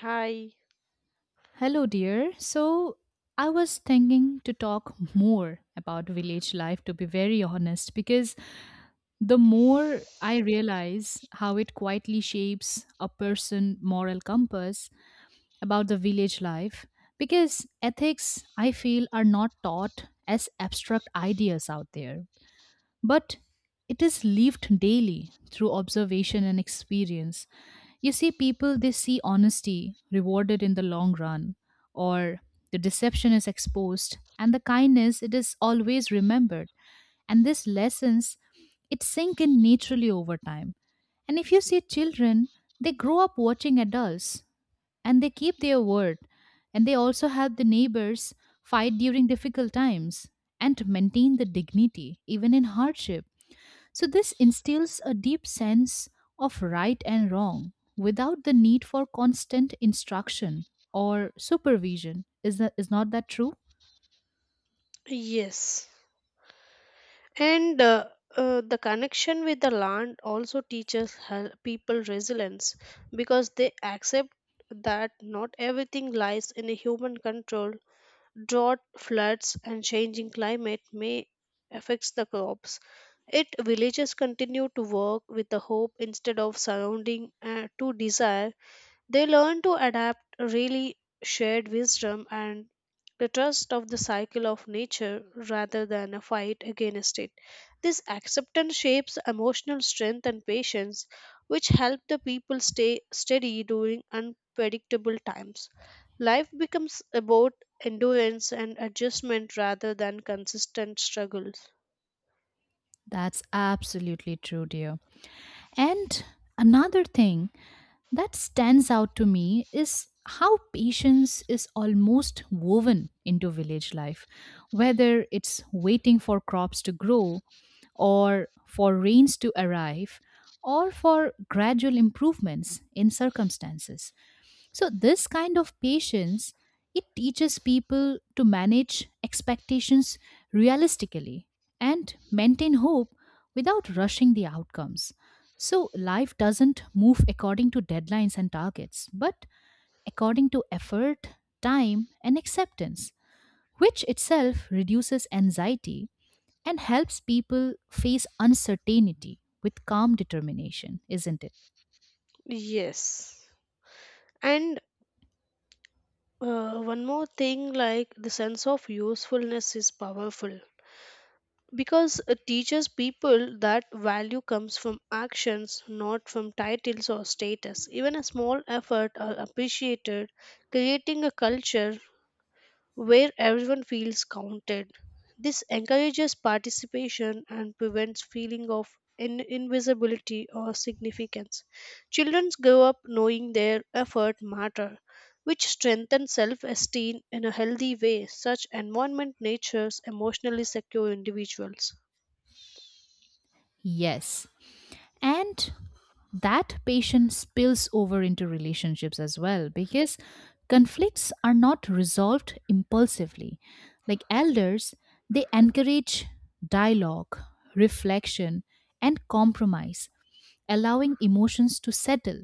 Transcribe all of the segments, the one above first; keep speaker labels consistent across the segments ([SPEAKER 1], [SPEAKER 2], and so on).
[SPEAKER 1] Hi.
[SPEAKER 2] Hello, dear. So, I was thinking to talk more about village life, to be very honest, because the more I realize how it quietly shapes a person' moral compass about the village life, because ethics, I feel, are not taught as abstract ideas out there but it is lived daily through observation and experience. You see, people they see honesty rewarded in the long run, or the deception is exposed, and the kindness it is always remembered. And these lessons it sink in naturally over time. And if you see children, they grow up watching adults and they keep their word and they also help the neighbors fight during difficult times and to maintain the dignity even in hardship, so this instills a deep sense of right and wrong without the need for constant instruction or supervision, is that is not that true?
[SPEAKER 1] Yes, and the connection with the land also teaches people resilience because they accept that not everything lies in a human control. Drought, floods, and changing climate may affect the crops. It villages continue to work with the hope instead of surrounding to desire. They learn to adapt really shared wisdom and the trust of the cycle of nature rather than a fight against it. This acceptance shapes emotional strength and patience, which help the people stay steady during unpredictable times. Life becomes about endurance and adjustment rather than consistent struggles.
[SPEAKER 2] That's absolutely true, dear. And another thing that stands out to me is how patience is almost woven into village life, whether it's waiting for crops to grow, or for rains to arrive, or for gradual improvements in circumstances. So this kind of patience it teaches people to manage expectations realistically and maintain hope without rushing the outcomes. So life doesn't move according to deadlines and targets, but according to effort, time and acceptance, which itself reduces anxiety and helps people face uncertainty with calm determination, isn't it?
[SPEAKER 1] Yes. And one more thing, like the sense of usefulness is powerful because it teaches people that value comes from actions, not from titles or status. Even a small effort are appreciated, creating a culture where everyone feels counted. This encourages participation and prevents feeling of invisibility or significance. Children grow up knowing their effort matter, which strengthens self-esteem in a healthy way. Such environment natures emotionally secure individuals.
[SPEAKER 2] Yes. And that patience spills over into relationships as well because conflicts are not resolved impulsively, like elders, they encourage dialogue, reflection and compromise, allowing emotions to settle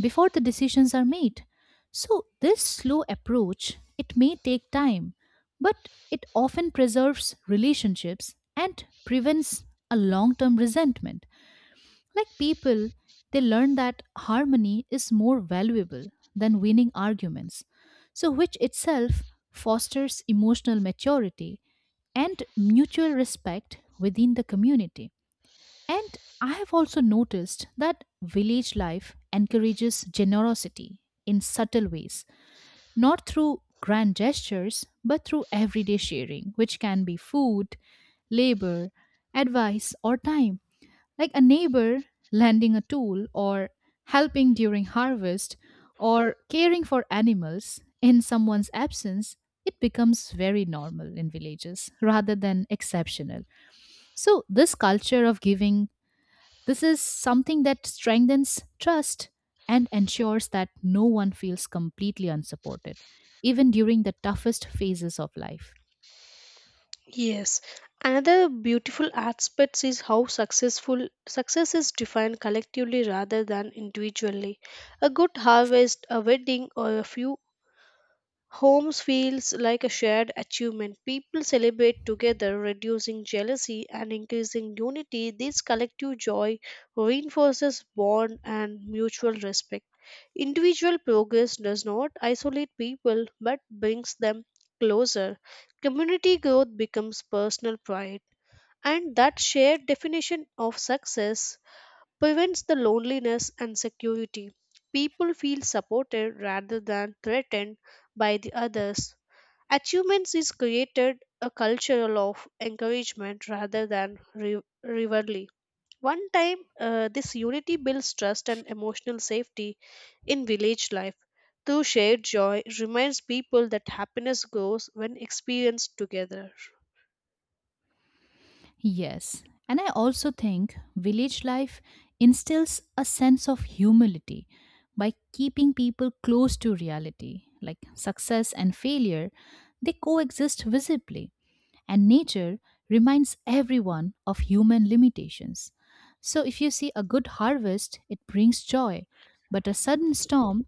[SPEAKER 2] before the decisions are made. So this slow approach it may take time but it often preserves relationships and prevents a long-term resentment, like people, they learn that harmony is more valuable than winning arguments, so which itself fosters emotional maturity and mutual respect within the community. And I have also noticed that village life encourages generosity in subtle ways, not through grand gestures, but through everyday sharing, which can be food, labor, advice, or time, like a neighbor lending a tool or helping during harvest or caring for animals in someone's absence, it becomes very normal in villages rather than exceptional. So this culture of giving, this is something that strengthens trust and ensures that no one feels completely unsupported even during the toughest phases of life.
[SPEAKER 1] Yes, another beautiful aspect is how successful success is defined collectively rather than individually. A good harvest, a wedding, or a few homes feels like a shared achievement. People celebrate together, reducing jealousy and increasing unity. This collective joy reinforces bond and mutual respect. Individual progress does not isolate people but brings them closer. Community growth becomes personal pride, and that shared definition of success prevents the loneliness and security. People feel supported rather than threatened by the others. Achievements is created a cultural of encouragement rather than rivalry. One time, this unity builds trust and emotional safety in village life. Through shared joy reminds people that happiness grows when experienced together.
[SPEAKER 2] Yes. And I also think village life instills a sense of humility by keeping people close to reality, like success and failure, they coexist visibly, and nature reminds everyone of human limitations. So, if you see a good harvest, it brings joy, but a sudden storm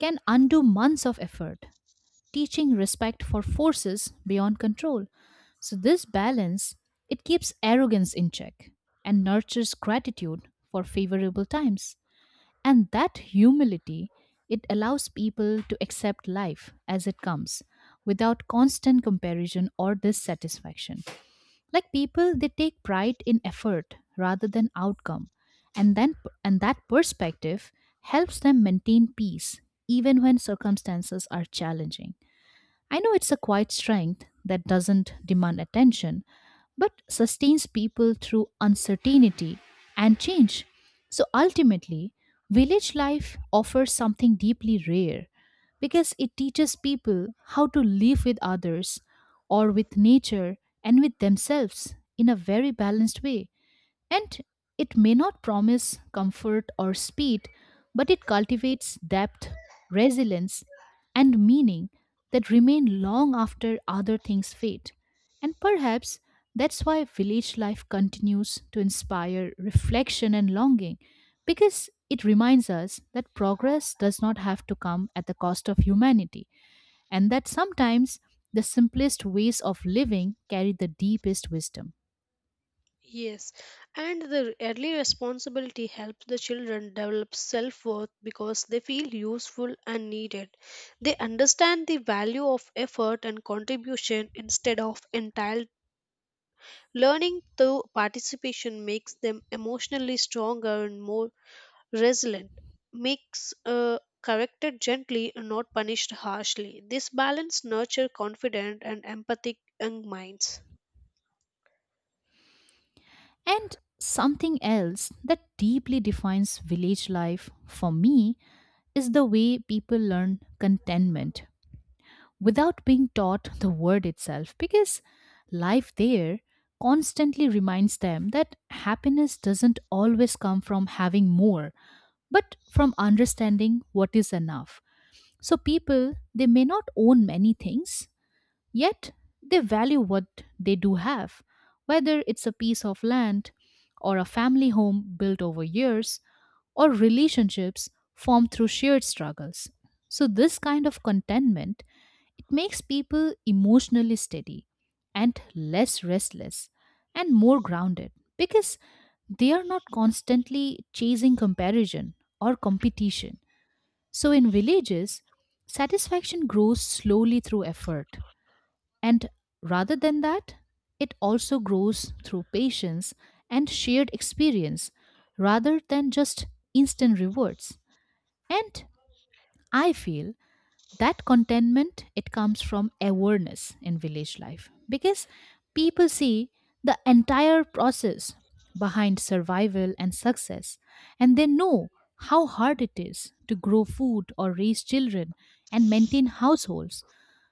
[SPEAKER 2] can undo months of effort, teaching respect for forces beyond control. So this balance it keeps arrogance in check and nurtures gratitude for favorable times. And that humility it allows people to accept life as it comes without constant comparison or dissatisfaction. Like people they take pride in effort rather than outcome. And then and that perspective helps them maintain peace even when circumstances are challenging. I know it's a quiet strength that doesn't demand attention, but sustains people through uncertainty and change. So ultimately, village life offers something deeply rare because it teaches people how to live with others or with nature and with themselves in a very balanced way. And it may not promise comfort or speed, but it cultivates depth, resilience, and meaning that remain long after other things fade. And perhaps that's why village life continues to inspire reflection and longing, because it reminds us that progress does not have to come at the cost of humanity, and that sometimes the simplest ways of living carry the deepest wisdom.
[SPEAKER 1] Yes, and the early responsibility helps the children develop self worth because they feel useful and needed. They understand the value of effort and contribution instead of entitled. Learning through participation makes them emotionally stronger and more resilient, makes corrected gently and not punished harshly. This balance nurture confident and empathic young minds.
[SPEAKER 2] And something else that deeply defines village life for me is the way people learn contentment without being taught the word itself, because life there constantly reminds them that happiness doesn't always come from having more but from understanding what is enough. So people they may not own many things, yet they value what they do have, whether it's a piece of land or a family home built over years or relationships formed through shared struggles. So this kind of contentment it makes people emotionally steady and less restless and more grounded because they are not constantly chasing comparison or competition. So in villages, satisfaction grows slowly through effort and, rather than that, it also grows through patience and shared experience rather than just instant rewards. And I feel that contentment it comes from awareness in village life because people see the entire process behind survival and success and they know how hard it is to grow food or raise children and maintain households,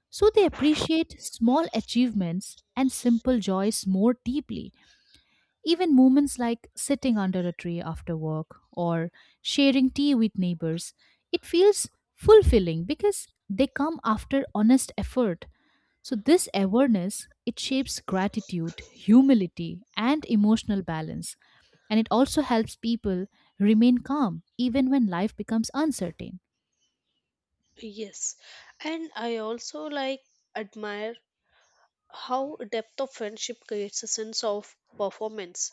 [SPEAKER 2] so they appreciate small achievements and simple joys more deeply. Even moments like sitting under a tree after work or sharing tea with neighbors, it feels fulfilling because they come after honest effort. So this awareness it shapes gratitude, humility and emotional balance and it also helps people remain calm even when life becomes uncertain.
[SPEAKER 1] Yes, and I also like admire how depth of friendship creates a sense of performance,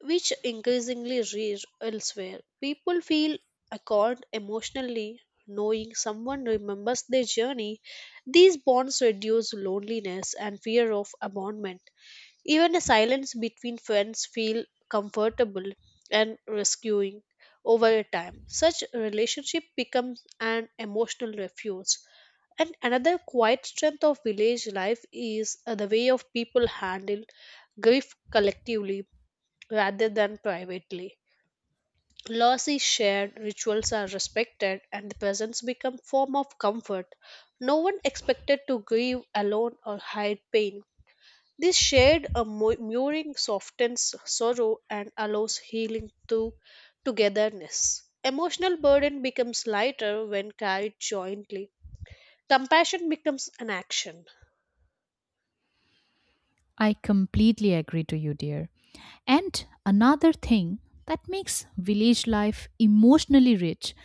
[SPEAKER 1] which increasingly rare elsewhere. People feel accord emotionally, knowing someone remembers their journey. These bonds reduce loneliness and fear of abandonment. Even a silence between friends feel comfortable and rescuing over a time. Such a relationship becomes an emotional refuge. And another quiet strength of village life is the way of people handle grief collectively rather than privately. Loss is shared, rituals are respected, and the presents become form of comfort. No one expected to grieve alone or hide pain. This shared a mooring softens sorrow and allows healing through togetherness. Emotional burden becomes lighter when carried jointly. Compassion becomes an action.
[SPEAKER 2] I completely agree to you, dear. And another thing that makes village life emotionally rich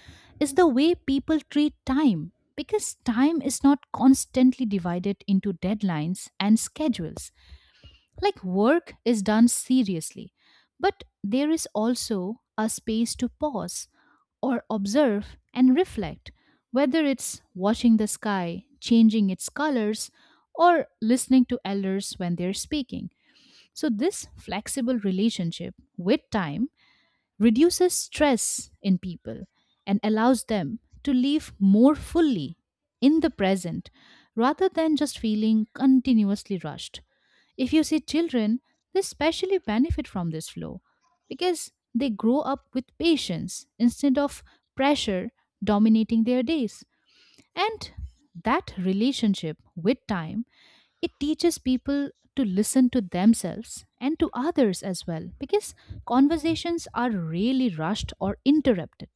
[SPEAKER 2] is the way people treat time because time is not constantly divided into deadlines and schedules. Like work is done seriously, but there is also a space to pause or observe and reflect, whether it's watching the sky, changing its colors, or listening to elders when they're speaking. So, this flexible relationship with time reduces stress in people and allows them to live more fully in the present rather than just feeling continuously rushed. If you see children, they especially benefit from this flow because they grow up with patience instead of pressure dominating their days. And that relationship with time it teaches people to listen to themselves and to others as well because conversations are really rushed or interrupted.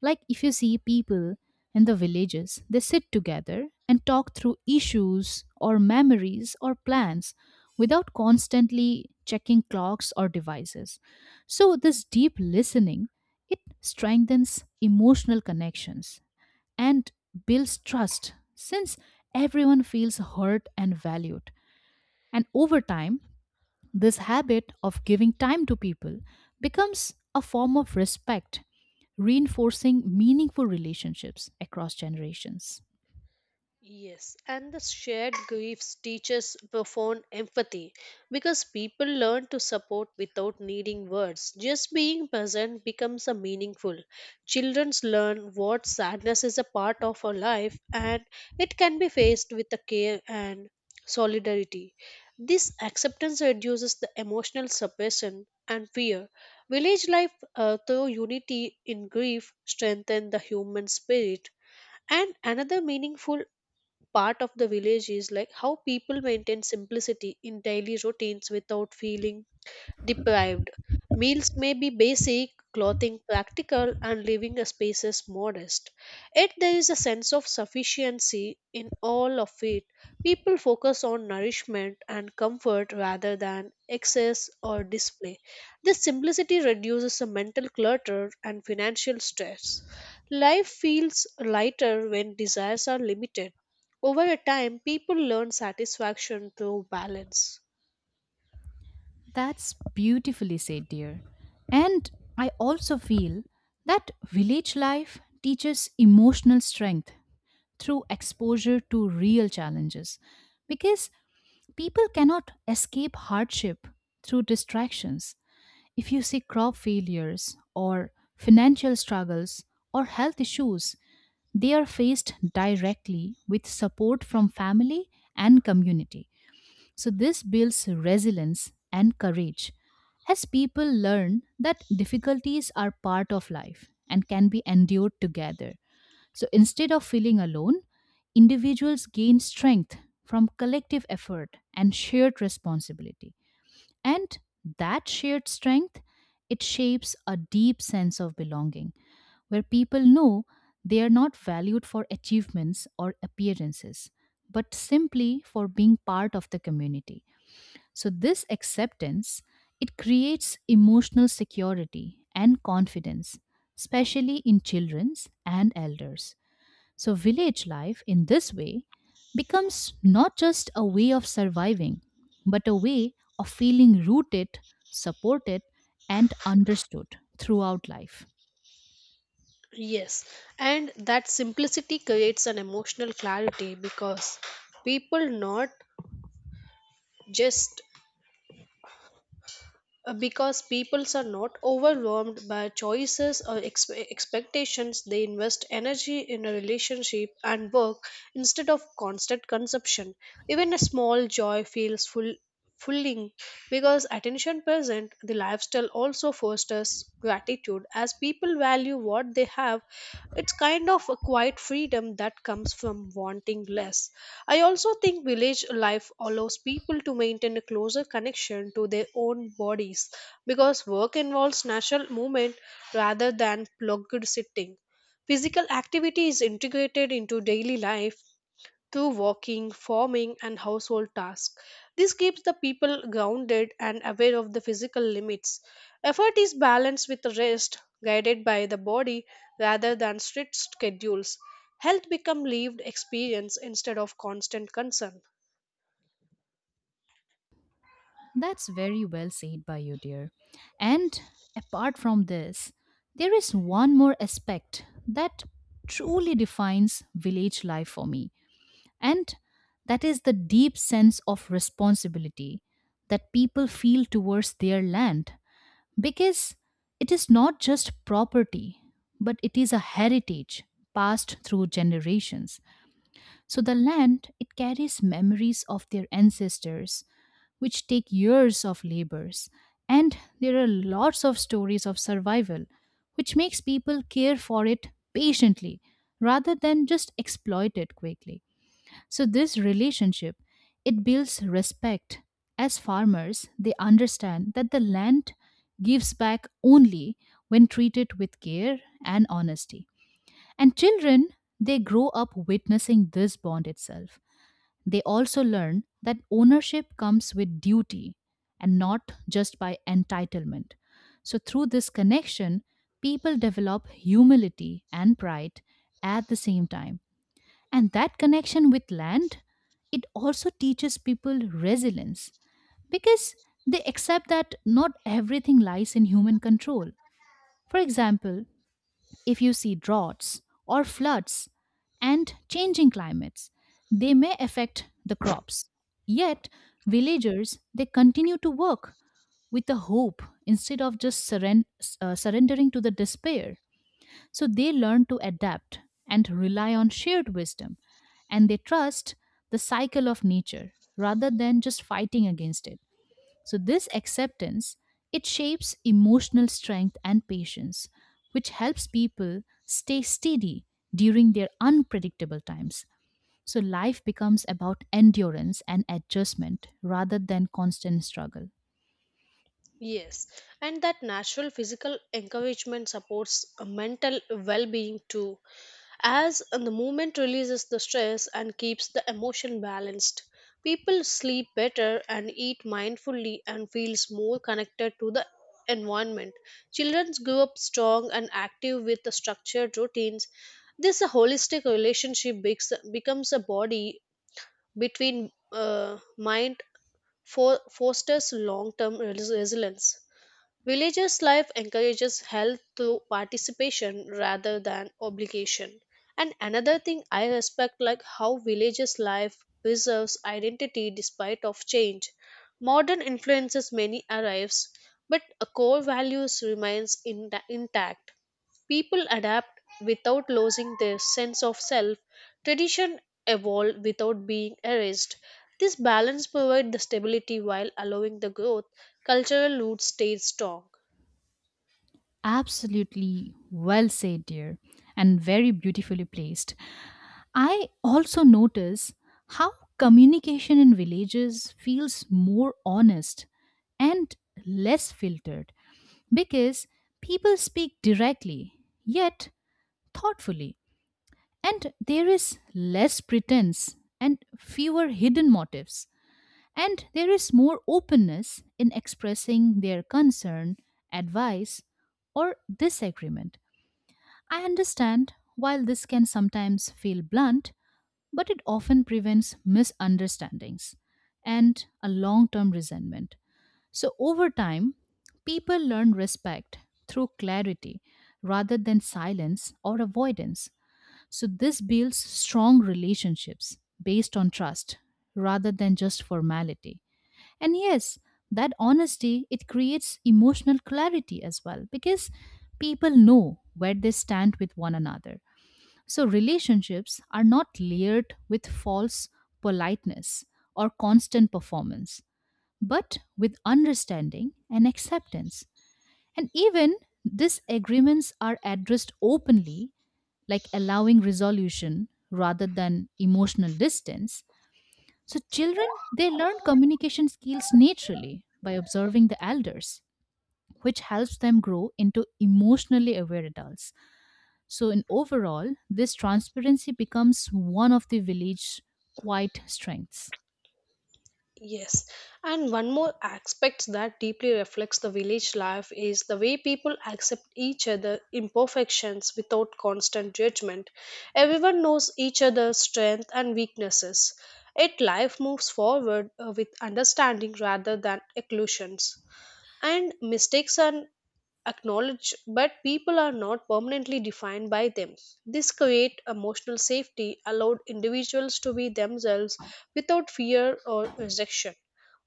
[SPEAKER 2] Like if you see people in the villages, they sit together and talk through issues or memories or plans without constantly checking clocks or devices. So, this deep listening it strengthens emotional connections and builds trust since everyone feels heard and valued. And over time, this habit of giving time to people becomes a form of respect, reinforcing meaningful relationships across generations.
[SPEAKER 1] Yes, and the shared griefs teaches profound empathy because people learn to support without needing words. Just being present becomes a meaningful. Children learn what sadness is a part of our life and it can be faced with the care and solidarity. This acceptance reduces the emotional suppression and fear. Village life, through unity in grief strengthen the human spirit, and another meaningful part of the village is like how people maintain simplicity in daily routines without feeling deprived. Meals may be basic, clothing practical, and living spaces modest. Yet there is a sense of sufficiency in all of it. People focus on nourishment and comfort rather than excess or display. This simplicity reduces the mental clutter and financial stress. Life feels lighter when desires are limited. Over a time, people learn satisfaction through balance.
[SPEAKER 2] That's beautifully said, dear. And I also feel that village life teaches emotional strength through exposure to real challenges because people cannot escape hardship through distractions. If you see crop failures or financial struggles or health issues, they are faced directly with support from family and community. So, this builds resilience and courage as people learn that difficulties are part of life and can be endured together. So, instead of feeling alone, individuals gain strength from collective effort and shared responsibility. And that shared strength, it shapes a deep sense of belonging where people know they are not valued for achievements or appearances, but simply for being part of the community. So this acceptance, it creates emotional security and confidence, especially in children's and elders. So, village life in this way becomes not just a way of surviving, but a way of feeling rooted, supported, and understood throughout life.
[SPEAKER 1] Yes, and that simplicity creates an emotional clarity because people not just because peoples are not overwhelmed by choices or expectations. They invest energy in a relationship and work instead of constant consumption. Even a small joy feels full fulfilling because attention present the lifestyle also fosters gratitude as people value what they have. It's kind of a quiet freedom that comes from wanting less. I also think village life allows people to maintain a closer connection to their own bodies because work involves natural movement rather than plugged sitting. Physical activity is integrated into daily life to walking, farming, and household tasks. This keeps the people grounded and aware of the physical limits. Effort is balanced with rest, guided by the body rather than strict schedules. Health becomes lived experience instead of constant concern.
[SPEAKER 2] That's very well said by you, dear. And apart from this, there is one more aspect that truly defines village life for me, and that is the deep sense of responsibility that people feel towards their land because it is not just property, but it is a heritage passed through generations. So the land, it carries memories of their ancestors, which take years of labors. And there are lots of stories of survival, which makes people care for it patiently rather than just exploit it quickly. So this relationship it builds respect. As farmers, they understand that the land gives back only when treated with care and honesty. And children, they grow up witnessing this bond itself. They also learn that ownership comes with duty and not just by entitlement. So through this connection, people develop humility and pride at the same time, and that connection with land it also teaches people resilience because they accept that not everything lies in human control. For example, if you see droughts or floods and changing climates, they may affect the crops, yet villagers they continue to work with the hope instead of just surrendering to the despair. So they learn to adapt and rely on shared wisdom, and they trust the cycle of nature rather than just fighting against it. So this acceptance it shapes emotional strength and patience, which helps people stay steady during their unpredictable times. So life becomes about endurance and adjustment rather than constant struggle.
[SPEAKER 1] Yes, and that natural physical encouragement supports a mental well being too, as the movement releases the stress and keeps the emotion balanced. People sleep better and eat mindfully and feels more connected to the environment. Children grow up strong and active with the structured routines. This holistic relationship becomes a body between mind for fosters long-term resilience. Religious life encourages health through participation rather than obligation. And another thing I respect, like how religious life preserves identity despite of change. Modern influences many arrives, but a core values remains intact. People adapt without losing their sense of self. Tradition evolve without being erased. This balance provides the stability while allowing the growth cultural roots stay strong.
[SPEAKER 2] Absolutely well said, dear, and very beautifully placed. I also notice how communication in villages feels more honest and less filtered because people speak directly yet thoughtfully, and there is less pretense and fewer hidden motives, and there is more openness in expressing their concern, advice, or disagreement. I understand while this can sometimes feel blunt, but it often prevents misunderstandings and a long term resentment. So, over time, people learn respect through clarity rather than silence or avoidance. So this builds strong relationships based on trust rather than just formality. And yes, that honesty it creates emotional clarity as well because people know where they stand with one another. So relationships are not layered with false politeness or constant performance, but with understanding and acceptance. And even these agreements are addressed openly, like allowing resolution rather than emotional distance. So children, they learn communication skills naturally by observing the elders, which helps them grow into emotionally aware adults. So in overall, this transparency becomes one of the village's quiet strengths.
[SPEAKER 1] Yes, and one more aspect that deeply reflects the village life is the way people accept each other imperfections without constant judgment. Everyone knows each other's strengths and weaknesses. Yet life moves forward, with understanding rather than occlusions, and mistakes are acknowledged, but people are not permanently defined by them. This creates emotional safety, allowed individuals to be themselves without fear or rejection.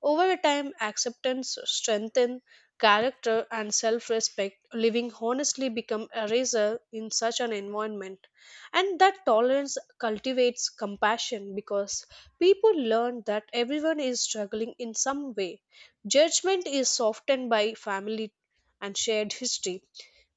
[SPEAKER 1] Over time acceptance strengthens character and self-respect. Living honestly become a razor in such an environment, and that tolerance cultivates compassion because people learn that everyone is struggling in some way. Judgment is softened by family and shared history.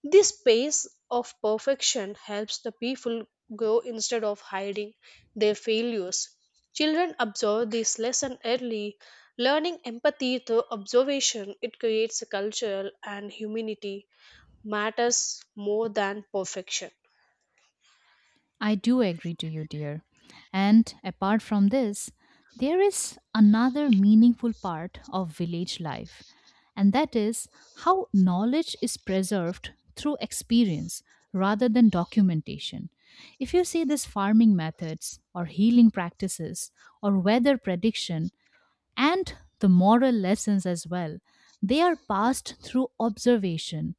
[SPEAKER 1] This pace of perfection helps the people grow instead of hiding their failures. Children absorb this lesson early, learning empathy through observation. It creates a culture and humanity matters more than perfection.
[SPEAKER 2] I do agree to you, dear. And apart from this, there is another meaningful part of village life, and that is how knowledge is preserved through experience rather than documentation. If you see these farming methods, or healing practices, or weather prediction, and the moral lessons as well, they are passed through observation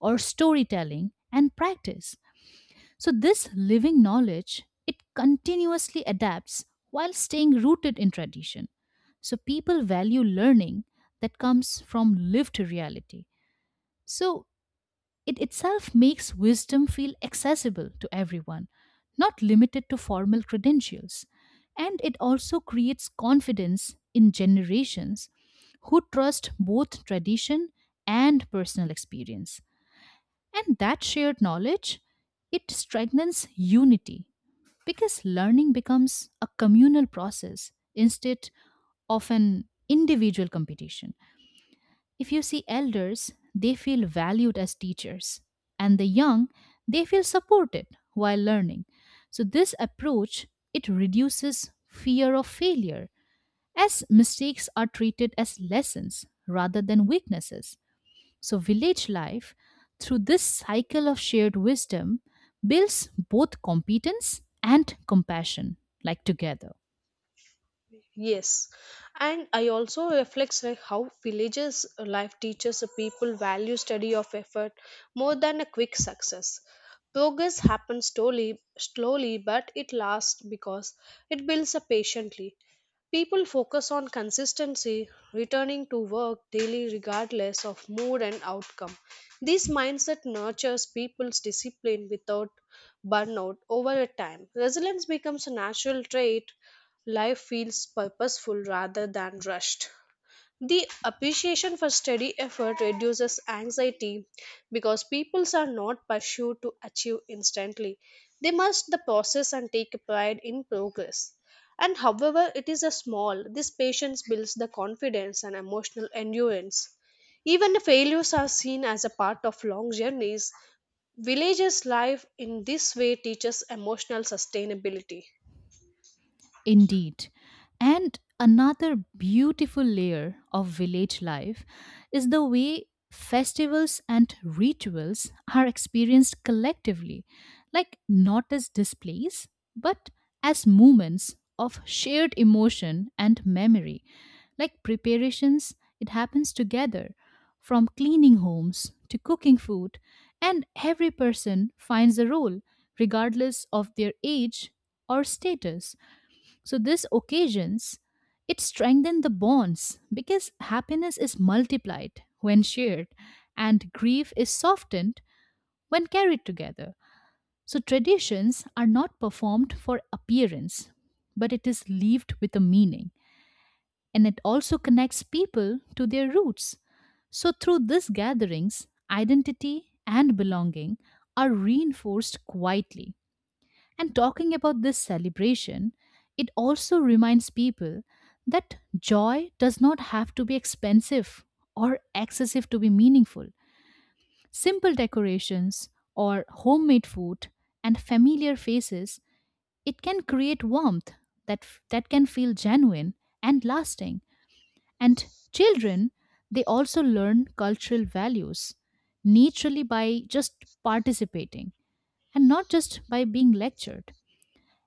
[SPEAKER 2] or storytelling and practice. So this living knowledge, it continuously adapts while staying rooted in tradition. So people value learning that comes from lived reality. So it itself makes wisdom feel accessible to everyone, not limited to formal credentials. And it also creates confidence in generations who trust both tradition and personal experience. And that shared knowledge, it strengthens unity because learning becomes a communal process instead of an individual competition. If you see elders, they feel valued as teachers, and the young, they feel supported while learning. So this approach it reduces fear of failure as mistakes are treated as lessons rather than weaknesses. So, village life, through this cycle of shared wisdom, builds both competence and compassion, like together.
[SPEAKER 1] Yes, and I also reflects like how villages, life teaches a people value study of effort more than a quick success. Progress happens slowly, slowly, but it lasts because it builds up patiently. People focus on consistency, returning to work daily regardless of mood and outcome. This mindset nurtures people's discipline without burnout over a time. Resilience becomes a natural trait. Life feels purposeful rather than rushed. The appreciation for study effort reduces anxiety because peoples are not pursued to achieve instantly. They must the process and take a pride in progress. And however it is a small, this patience builds the confidence and emotional endurance. Even the failures are seen as a part of long journeys. Villages' life in this way teaches emotional sustainability.
[SPEAKER 2] Indeed. And another beautiful layer of village life is the way festivals and rituals are experienced collectively, like not as displays, but as moments of shared emotion and memory. Like preparations, it happens together, from cleaning homes to cooking food, and every person finds a role, regardless of their age or status. So, this occasions it strengthened the bonds because happiness is multiplied when shared and grief is softened when carried together. So, traditions are not performed for appearance, but it is lived with a meaning. And it also connects people to their roots. So, through these gatherings, identity and belonging are reinforced quietly. And talking about this celebration, it also reminds people that joy does not have to be expensive or excessive to be meaningful. Simple decorations or homemade food and familiar faces, it can create warmth that can feel genuine and lasting. And children, they also learn cultural values naturally by just participating and not just by being lectured,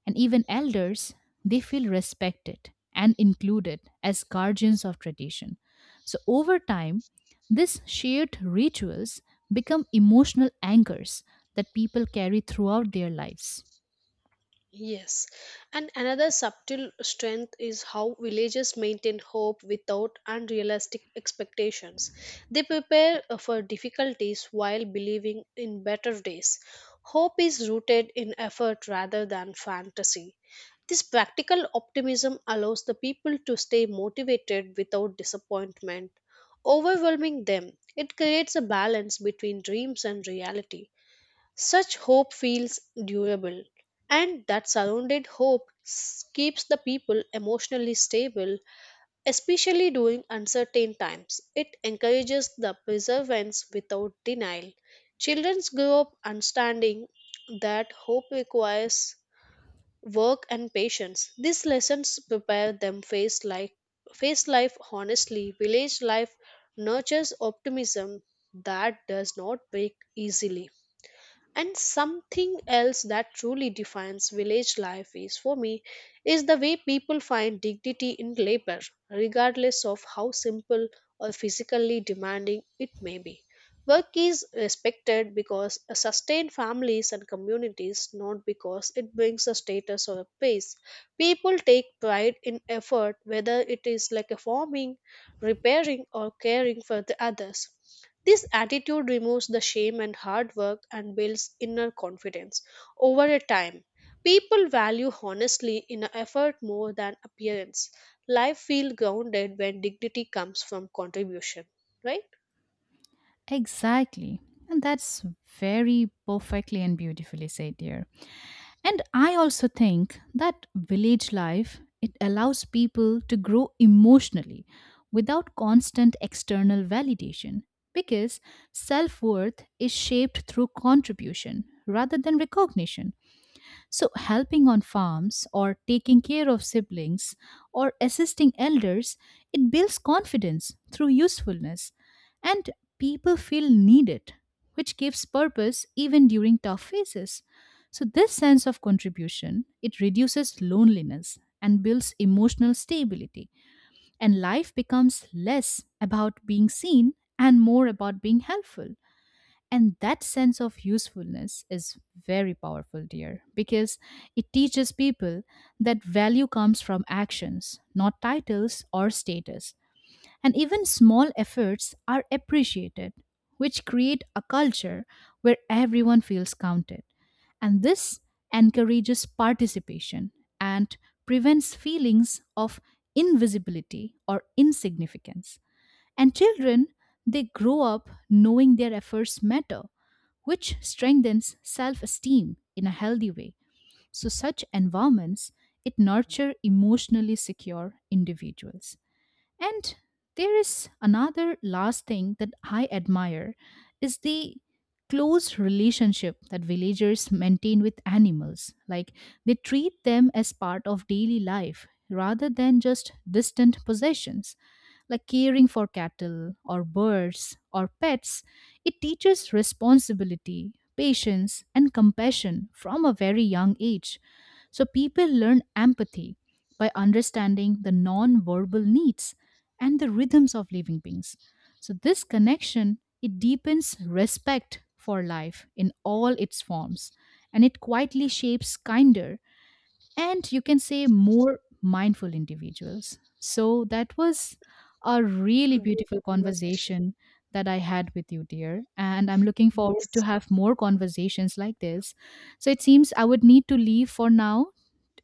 [SPEAKER 2] and even elders they feel respected and included as guardians of tradition. So over time these shared rituals become emotional anchors that people carry throughout their lives.
[SPEAKER 1] Yes, and another subtle strength is how villagers maintain hope without unrealistic expectations. They prepare, for difficulties while believing in better days. Hope is rooted in effort rather than fantasy. This practical optimism allows the people to stay motivated without disappointment overwhelming them. It creates a balance between dreams and reality. Such hope feels durable, and that surrounded hope keeps the people emotionally stable, especially during uncertain times. It encourages the perseverance without denial. Children grow up understanding that hope requires work and patience. These lessons prepare them face life honestly. Village life nurtures optimism that does not break easily. And something else that truly defines village life is for me is the way people find dignity in labor, regardless of how simple or physically demanding it may be. Work is respected because it sustains families and communities, not because it brings a status or a praise. People take pride in effort, whether it is like a farming, repairing, or caring for the others. This attitude removes the shame and hard work and builds inner confidence. Over a time, people value honestly in an effort more than appearance. Life feels grounded when dignity comes from contribution, right?
[SPEAKER 2] Exactly, and that's very perfectly and beautifully said, dear. And I also think that village life it allows people to grow emotionally without constant external validation because self-worth is shaped through contribution rather than recognition. So, helping on farms or taking care of siblings or assisting elders, it builds confidence through usefulness and people feel needed, which gives purpose even during tough phases. So, this sense of contribution, it reduces loneliness and builds emotional stability and life becomes less about being seen and more about being helpful. And that sense of usefulness is very powerful, dear, because it teaches people that value comes from actions, not titles or status. And even small efforts are appreciated, which create a culture where everyone feels counted. And this encourages participation and prevents feelings of invisibility or insignificance. And children, they grow up knowing their efforts matter, which strengthens self-esteem in a healthy way. So such environments, it nurture emotionally secure individuals. And there is another last thing that I admire is the close relationship that villagers maintain with animals. Like they treat them as part of daily life rather than just distant possessions. Like caring for cattle or birds or pets, it teaches responsibility, patience, and compassion from a very young age. So people learn empathy by understanding the non verbal needs and the rhythms of living beings. So this connection it deepens respect for life in all its forms and it quietly shapes kinder and you can say more mindful individuals. So that was a
[SPEAKER 1] A
[SPEAKER 2] really
[SPEAKER 1] good
[SPEAKER 2] beautiful
[SPEAKER 1] conversation.
[SPEAKER 2] conversation that I had with you, dear, and I'm looking forward to
[SPEAKER 1] Yes.
[SPEAKER 2] have more conversations like this. So it seems I would need to leave for now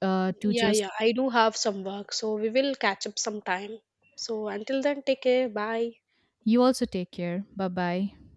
[SPEAKER 2] to
[SPEAKER 1] Yeah,
[SPEAKER 2] just
[SPEAKER 1] yeah, I do have some work, so we will catch up sometime. So until then, take care. Bye.
[SPEAKER 2] you also take care. Bye bye.